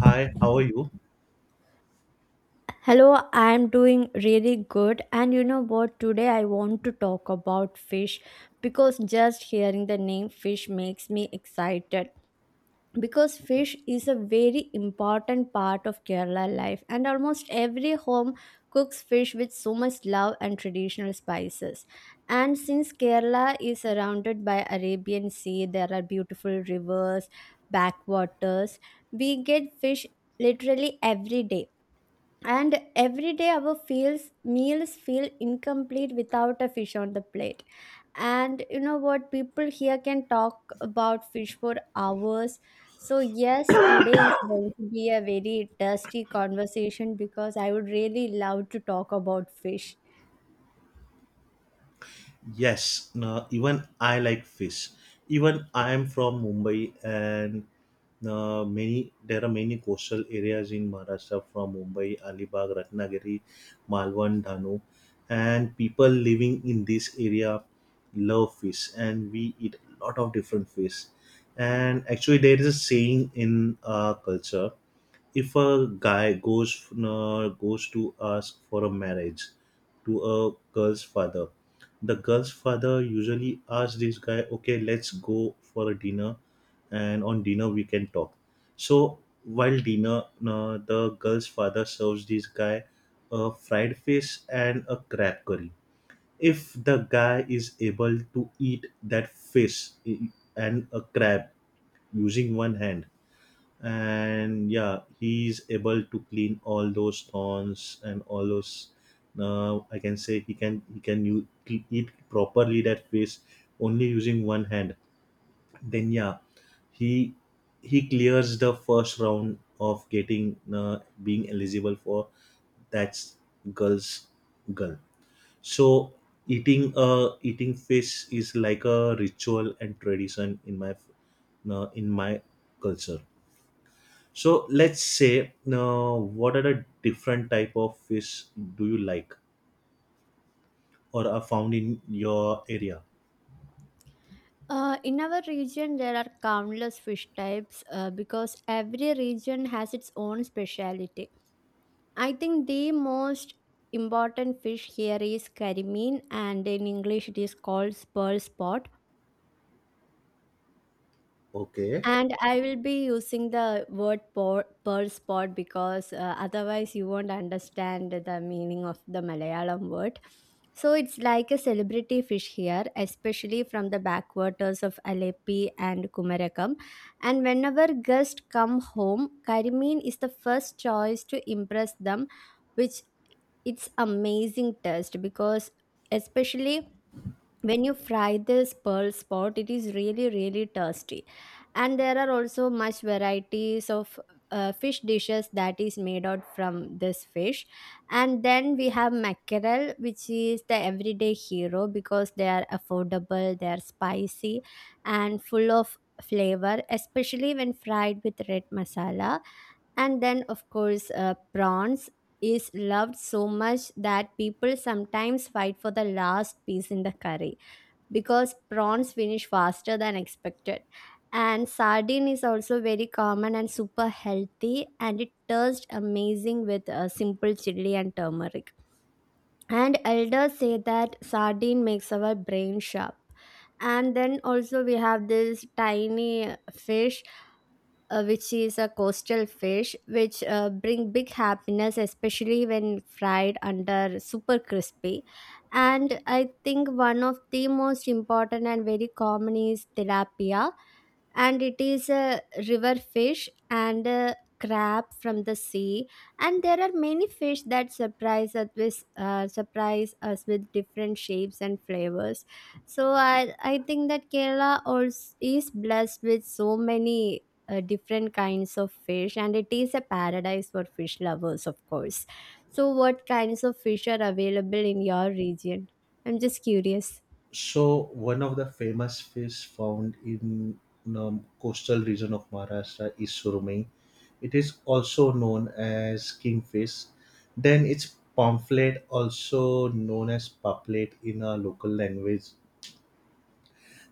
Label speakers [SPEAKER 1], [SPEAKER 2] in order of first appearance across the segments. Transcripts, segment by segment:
[SPEAKER 1] Hi, how are you?
[SPEAKER 2] Hello, I'm doing really good. And you know what? Today I want to talk about fish because just hearing the name fish makes me excited. Because fish is a very important part of Kerala life, and almost every home cooks fish with so much love and traditional spices. And since Kerala is surrounded by Arabian Sea, there are beautiful rivers, backwaters. We get fish literally every day, and every day our feels meals feel incomplete without a fish on the plate. And you know what, people here can talk about fish for hours. So yes, today is going to be a very dusty conversation because I would really love to talk about fish.
[SPEAKER 1] Yes, no, even I like fish. Even I am from Mumbai, and many there are many coastal areas in Maharashtra from Mumbai, Alibag, Ratnagiri, Malwan, Dhanu, and people living in this area love fish, and we eat a lot of different fish. And actually, there is a saying in our culture: if a guy goes to ask for a marriage to a girl's father, the girl's father usually asks this guy, okay, let's go for a dinner, and on dinner we can talk. So while dinner, the girl's father serves this guy a fried fish and a crab curry. If the guy is able to eat that and a crab using one hand, and yeah, he's able to clean all those thorns and all those, now I can say he can eat properly that fish only using one hand, then yeah, he he clears the first round of getting being eligible for that's girl's girl So eating fish is like a ritual and tradition in my culture. So let's say, what are the different type of fish do you like or are found in your area?
[SPEAKER 2] In our region, there are countless fish types, because every region has its own speciality. I think the most important fish here is carimine, and in English it is called pearl spot.
[SPEAKER 1] Okay.
[SPEAKER 2] And I will be using the word pearl spot because otherwise you won't understand the meaning of the Malayalam word. So it's like a celebrity fish here, especially from the backwaters of Aleppi and Kumarakam. And whenever guests come home, carimine is the first choice to impress them, which it's amazing taste because, especially when you fry this pearl spot, it is really really tasty. And there are also much varieties of fish dishes that is made out from this fish. And then we have mackerel, which is the everyday hero because they are affordable, they are spicy, and full of flavor, especially when fried with red masala. And then, of course, prawns is loved so much that people sometimes fight for the last piece in the curry because prawns finish faster than expected. And sardine is also very common and super healthy, and it tastes amazing with simple chili and turmeric. And elders say that sardine makes our brain sharp. And then also, we have this tiny fish, which is a coastal fish, which bring big happiness, especially when fried under super crispy. And I think one of the most important and very common is tilapia, and it is a river fish, and a crab from the sea. And there are many fish that surprise us with different shapes and flavors. So I think that Kerala also is blessed with so many different kinds of fish, and it is a paradise for fish lovers, of course. So what kinds of fish are available in your region? I'm just curious.
[SPEAKER 1] So one of the famous fish found in coastal region of Maharashtra is surumai. It is also known as kingfish. Then it's pamphlet, also known as paplet in our local language.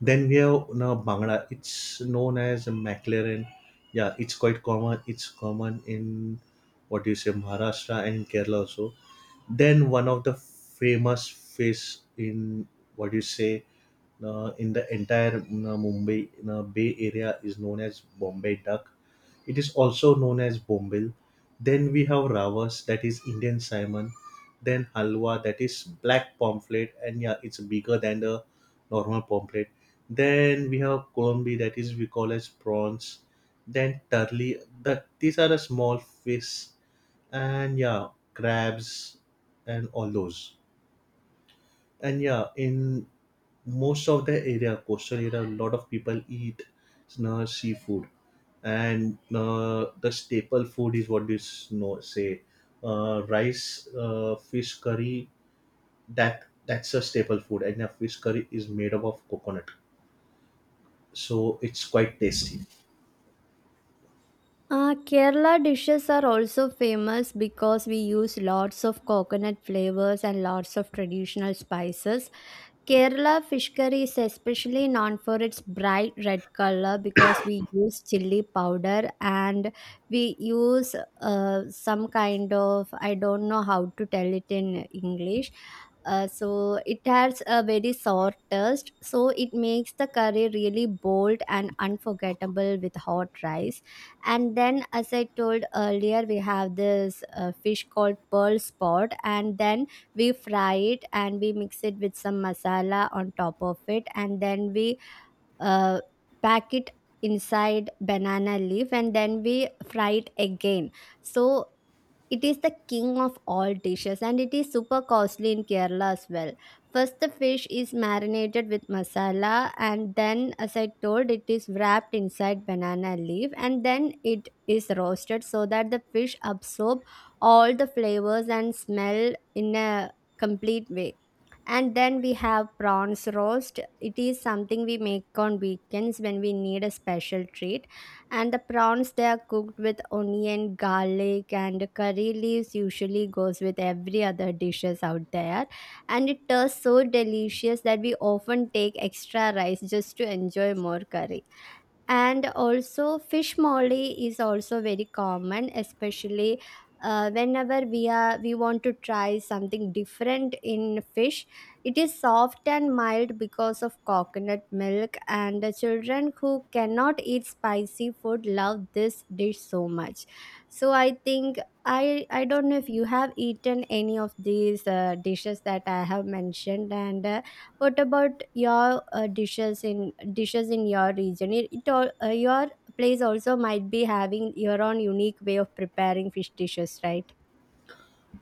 [SPEAKER 1] Then we have now Bangla. It's known as McLaren. Yeah, it's quite common. It's common in, what do you say, Maharashtra and in Kerala also. Then one of the famous face in, what do you say, in the entire Mumbai Bay Area is known as Bombay duck. It is also known as bombil. Then we have ravas, that is Indian salmon. Then halwa, that is black pomfret, and yeah, it's bigger than the normal pomfret. Then we have colombi, that is we call as prawns. Then turley. That these are the small fish, and yeah, crabs and all those. And yeah, in most of the area, coastal area, a lot of people eat seafood, and the staple food is, what is no say, rice, fish curry. That's a staple food, and yeah, fish curry is made up of coconut, so it's quite tasty.
[SPEAKER 2] Kerala dishes are also famous because we use lots of coconut flavors and lots of traditional spices. Kerala fish curry is especially known for its bright red color because we use chili powder, and we use some kind of, I don't know how to tell it in English. So it has a very sour taste, so it makes the curry really bold and unforgettable with hot rice. And then, as I told earlier, we have this fish called pearl spot, and then we fry it and we mix it with some masala on top of it, and then we uh, pack it inside banana leaf, and then we fry it again. So it is the king of all dishes, and it is super costly in Kerala as well. First, the fish is marinated with masala, and then, as I told, it is wrapped inside banana leaf and then it is roasted so that the fish absorb all the flavors and smell in a complete way. And then we have prawns roast. It is something we make on weekends when we need a special treat, and the prawns, they are cooked with onion, garlic, and curry leaves, usually goes with every other dishes out there. And it tastes so delicious that we often take extra rice just to enjoy more curry. And also fish molly is also very common, especially whenever we want to try something different in fish. It is soft and mild because of coconut milk, and the children who cannot eat spicy food love this dish so much. So I think I don't know if you have eaten any of these dishes that I have mentioned, and what about your dishes in your region? It all, your place also might be having your own unique way of preparing fish dishes, right?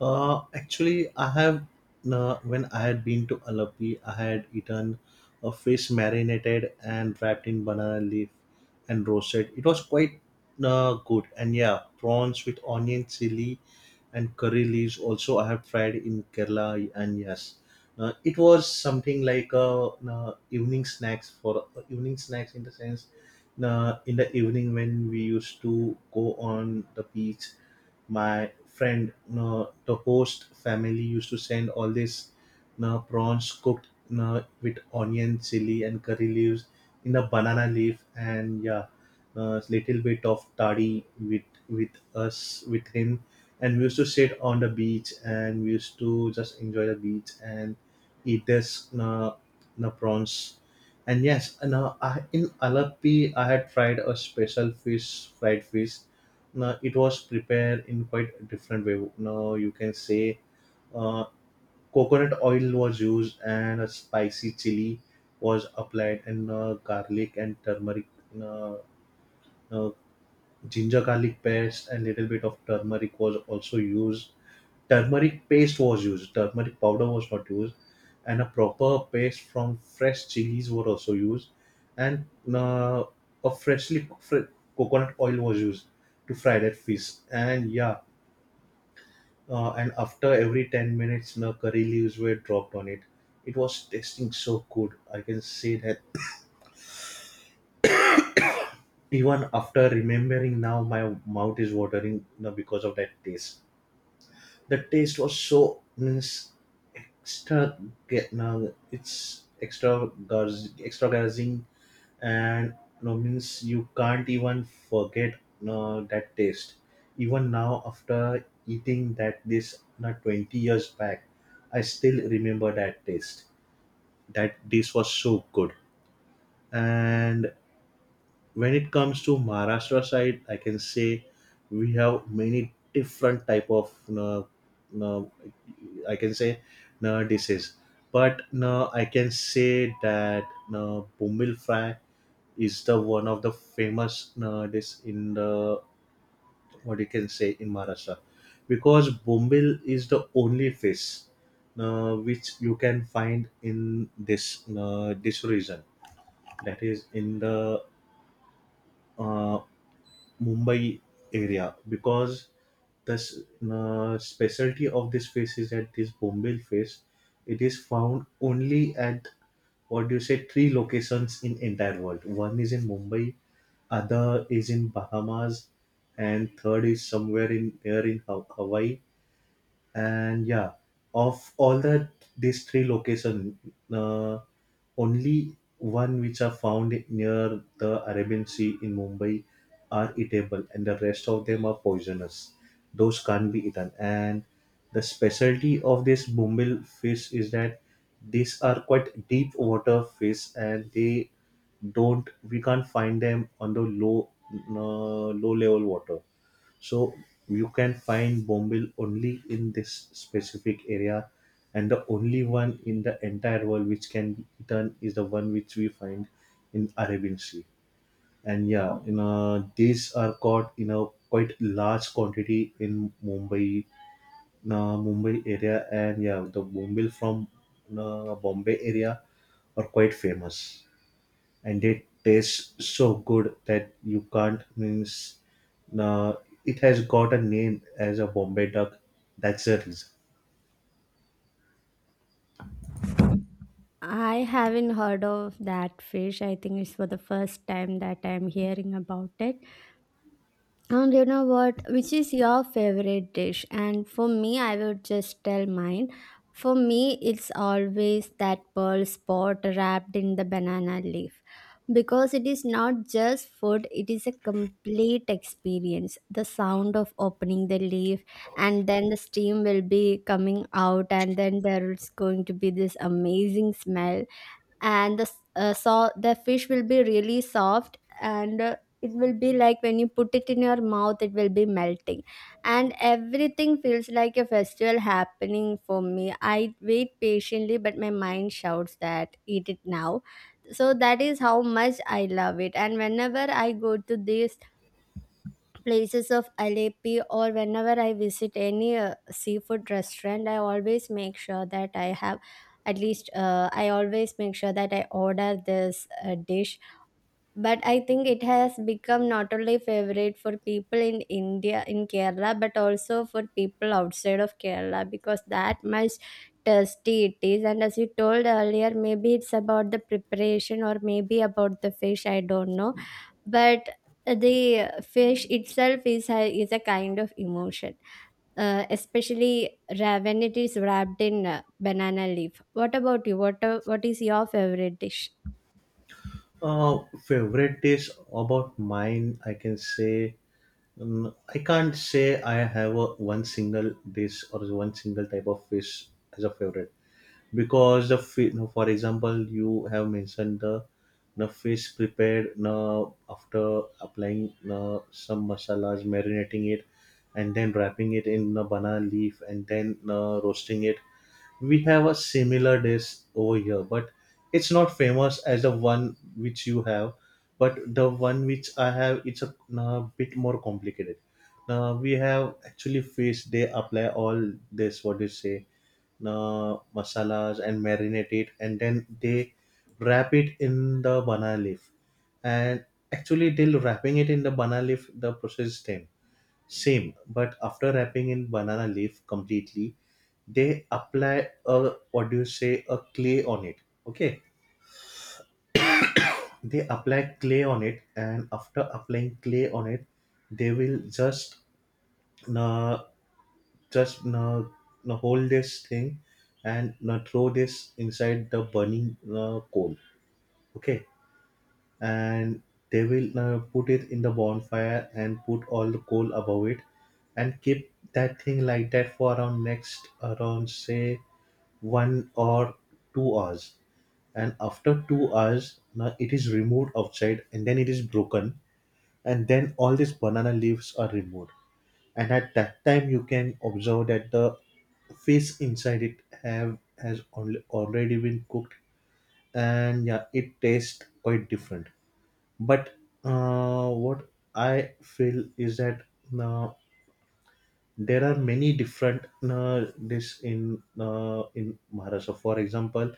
[SPEAKER 1] Actually, I have, when I had been to Alapi, I had eaten a fish marinated and wrapped in banana leaf and roasted. It was quite good, and yeah, prawns with onion, chili, and curry leaves. Also, I have tried in Kerala, and yes, it was something like a evening snacks, for evening snacks in the sense. In the evening when we used to go on the beach, my friend no, the host family used to send all this, no, prawns cooked no, with onion, chili, and curry leaves in a banana leaf, and yeah, a little bit of toddy with us with him, and we used to sit on the beach and we used to just enjoy the beach and eat this no, no prawns, and yes, and I, in Alapi, I had tried a special fish, fried fish. It was prepared in quite a different way. Now you can say, uh, coconut oil was used and a spicy chili was applied, and garlic and turmeric, uh, uh, ginger garlic paste and little bit of turmeric was also used. Turmeric paste was used. Turmeric powder was not used, and a proper paste from fresh chilies were also used, and uh, a freshly cooked coconut oil was used to fry that fish. And yeah, and after every 10 minutes the curry leaves were dropped on it. It was tasting so good, I can say that even after remembering now, my mouth is watering now because of that taste. The taste was so, means, extra, get now it's extra, extra, and no means you can't even forget that taste. Even now, after eating that this 20 years back, I still remember that taste, that this was so good. And when it comes to Maharashtra side, I can say we have many different type of uh, I can say dishes. But I can say that Bumil fry is the one of the famous dish in the, what you can say, in Maharashtra, because Bombil is the only fish which you can find in this region, that is in the uh, Mumbai area, because the specialty of this face is that this Bombay face, it is found only at, what do you say, three locations in entire world. One is in Mumbai, other is in Bahamas, and third is somewhere in there in Hawaii. And yeah, of all the these three location, uh, only one which are found near the Arabian Sea in Mumbai are eatable and the rest of them are poisonous. Those can't be eaten. And the specialty of this bumbil fish is that these are quite deep water fish and they don't we can't find them on the low level water. So you can find bombil only in this specific area, and the only one in the entire world which can be eaten is the one which we find in Arabian Sea. And yeah, you know, these are caught in a quite large quantity in Mumbai area, and yeah, the bombil from Bombay area are quite famous and it tastes so good that you can't miss. Uh, it has got a name as a Bombay duck. That's the reason.
[SPEAKER 2] I haven't heard of that fish. I think it's for the first time that I'm hearing about it. And you know what? Which is your favorite dish? And for me, I would just tell mine. For me, it's always that pearl spot wrapped in the banana leaf. Because it is not just food, it is a complete experience. The sound of opening the leaf, and then the steam will be coming out, and then there's going to be this amazing smell, and so the fish will be really soft and, it will be like when you put it in your mouth it will be melting, and everything feels like a festival happening. For me, I wait patiently, but my mind shouts that eat it now. So that is how much I love it. And whenever I go to these places of Alepi, or whenever I visit any seafood restaurant, I always make sure that I have at least, I always make sure that I order this dish. But I think it has become not only favorite for people in India, in Kerala, but also for people outside of Kerala because that much tasty it is. And as you told earlier, maybe it's about the preparation or maybe about the fish, I don't know. But the fish itself is is a kind of emotion, especially when it is wrapped in banana leaf. What about you? What what is your favorite dish?
[SPEAKER 1] Uh, Favorite dish about mine, I can say, I can't say I have a one single dish or one single type of fish as a favorite. Because the fish, for example, you have mentioned the fish prepared now after applying some masalas, marinating it, and then wrapping it in a banana leaf and then roasting it. We have a similar dish over here, but it's not famous as the one which you have. But the one which I have, it's a, bit more complicated. Now we have actually fish. They apply all this. What do you say? Uh, masalas and marinate it, and then they wrap it in the banana leaf, and actually till wrapping it in the banana leaf the process is same, but after wrapping in banana leaf completely they apply a, what do you say, a clay on it. Okay, they apply clay on it, and after applying clay on it, they will uh, just hold this thing and throw this inside the burning coal. Okay. And they will put it in the bonfire and put all the coal above it and keep that thing like that for around next, around say, 1 or 2 hours. And after 2 hours now it is removed outside and then it is broken and then all these banana leaves are removed, and at that time you can observe that the fish inside it have has al- already been cooked, and yeah, it tastes quite different. But what I feel is that uh, there are many different dish in Maharashtra. For example,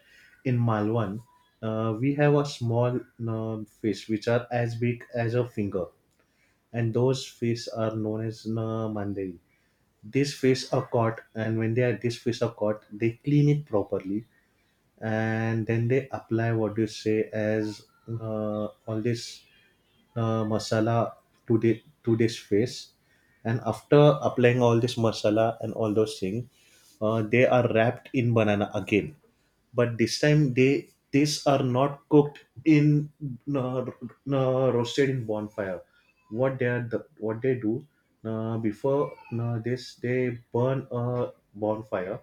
[SPEAKER 1] in Malwan, we have a small fish which are as big as a finger, and those fish are known as mandiri. These fish are caught, and when they are these fish are caught, they clean it properly and then they apply, what you say, as all this masala to the to this fish, and after applying all this masala and all those things, they are wrapped in banana again. But this time they these are not cooked in uh, roasted in bonfire. What they are the, what they do, before this, they burn a bonfire,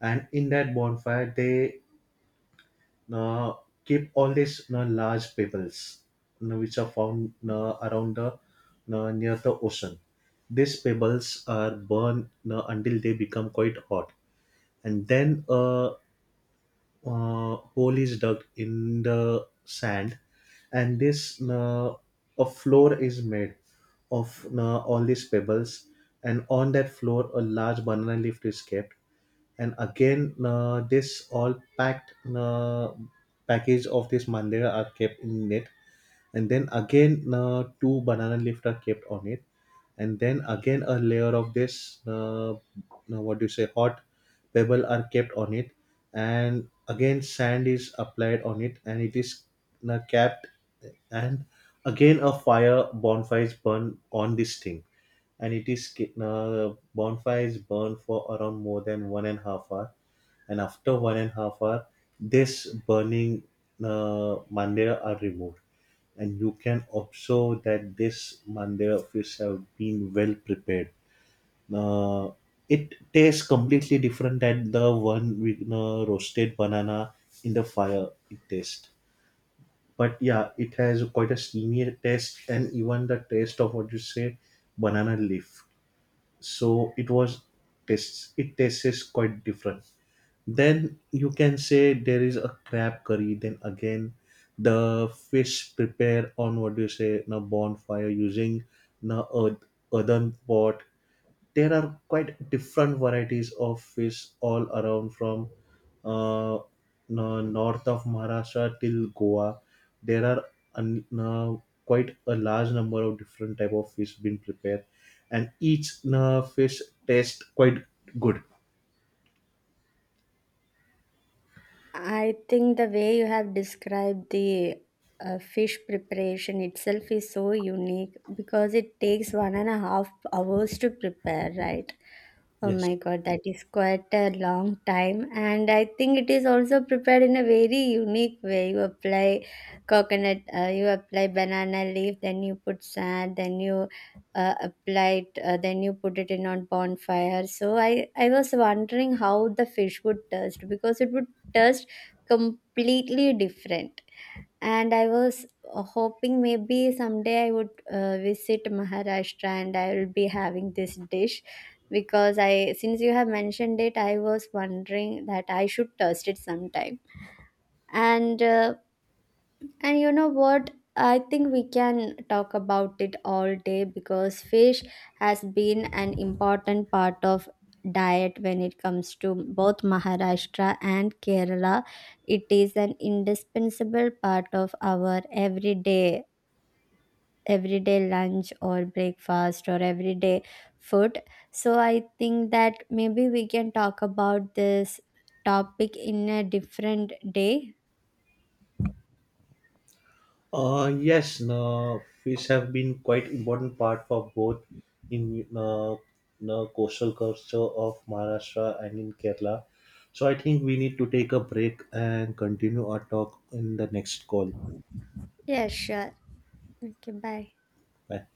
[SPEAKER 1] and in that bonfire they now keep all these large pebbles which are found around the, near the ocean. These pebbles are burned until they become quite hot, and then a hole is dug in the sand, and this a floor is made of all these pebbles, and on that floor a large banana leaf is kept, and again this all packed package of this mandira are kept in it, and then again two banana leaves are kept on it, and then again a layer of this now, what do you say, hot pebble are kept on it, and again sand is applied on it and it is now capped, and again a fire bonfire is burned on this thing, and it is bonfire is burned for around more than 1.5 hours, and after 1.5 hours this burning mandir are removed, and you can observe that this Mandira fish have been well prepared. Uh, it tastes completely different than the one with roasted banana in the fire. It tastes, but yeah, it has quite a steamy taste, and even the taste of, what you say, banana leaf. So it was tastes. It tastes quite different. Then you can say there is a crab curry. Then again, the fish prepare on, what do you say, na bonfire using na earth, earthen pot. There are quite different varieties of fish all around from uh, na north of Maharashtra till Goa. There are un, na quite a large number of different type of fish being prepared, and each na fish tastes quite good.
[SPEAKER 2] I think the way you have described the fish preparation itself is so unique because it takes 1.5 hours to prepare, right? Oh my
[SPEAKER 1] Yes.
[SPEAKER 2] God, that is quite a long time. And I think it is also prepared in a very unique way. You apply coconut, you apply banana leaf, then you put sand, then you apply it, then you put it in on bonfire. So I was wondering how the fish would taste because it would taste completely different. And I was hoping maybe someday I would visit Maharashtra and I will be having this dish, because I since you have mentioned it I was wondering that I should taste it sometime. And and you know what? I think we can talk about it all day because fish has been an important part of diet when it comes to both Maharashtra and Kerala. It is an indispensable part of our everyday lunch or breakfast or everyday food. So I think that maybe we can talk about this topic in a different day.
[SPEAKER 1] Yes, no, fish have been quite important part for both in the coastal culture of Maharashtra and in Kerala. So I think we need to take a break and continue our talk in the next call.
[SPEAKER 2] Yeah, sure. Okay, bye.
[SPEAKER 1] Bye.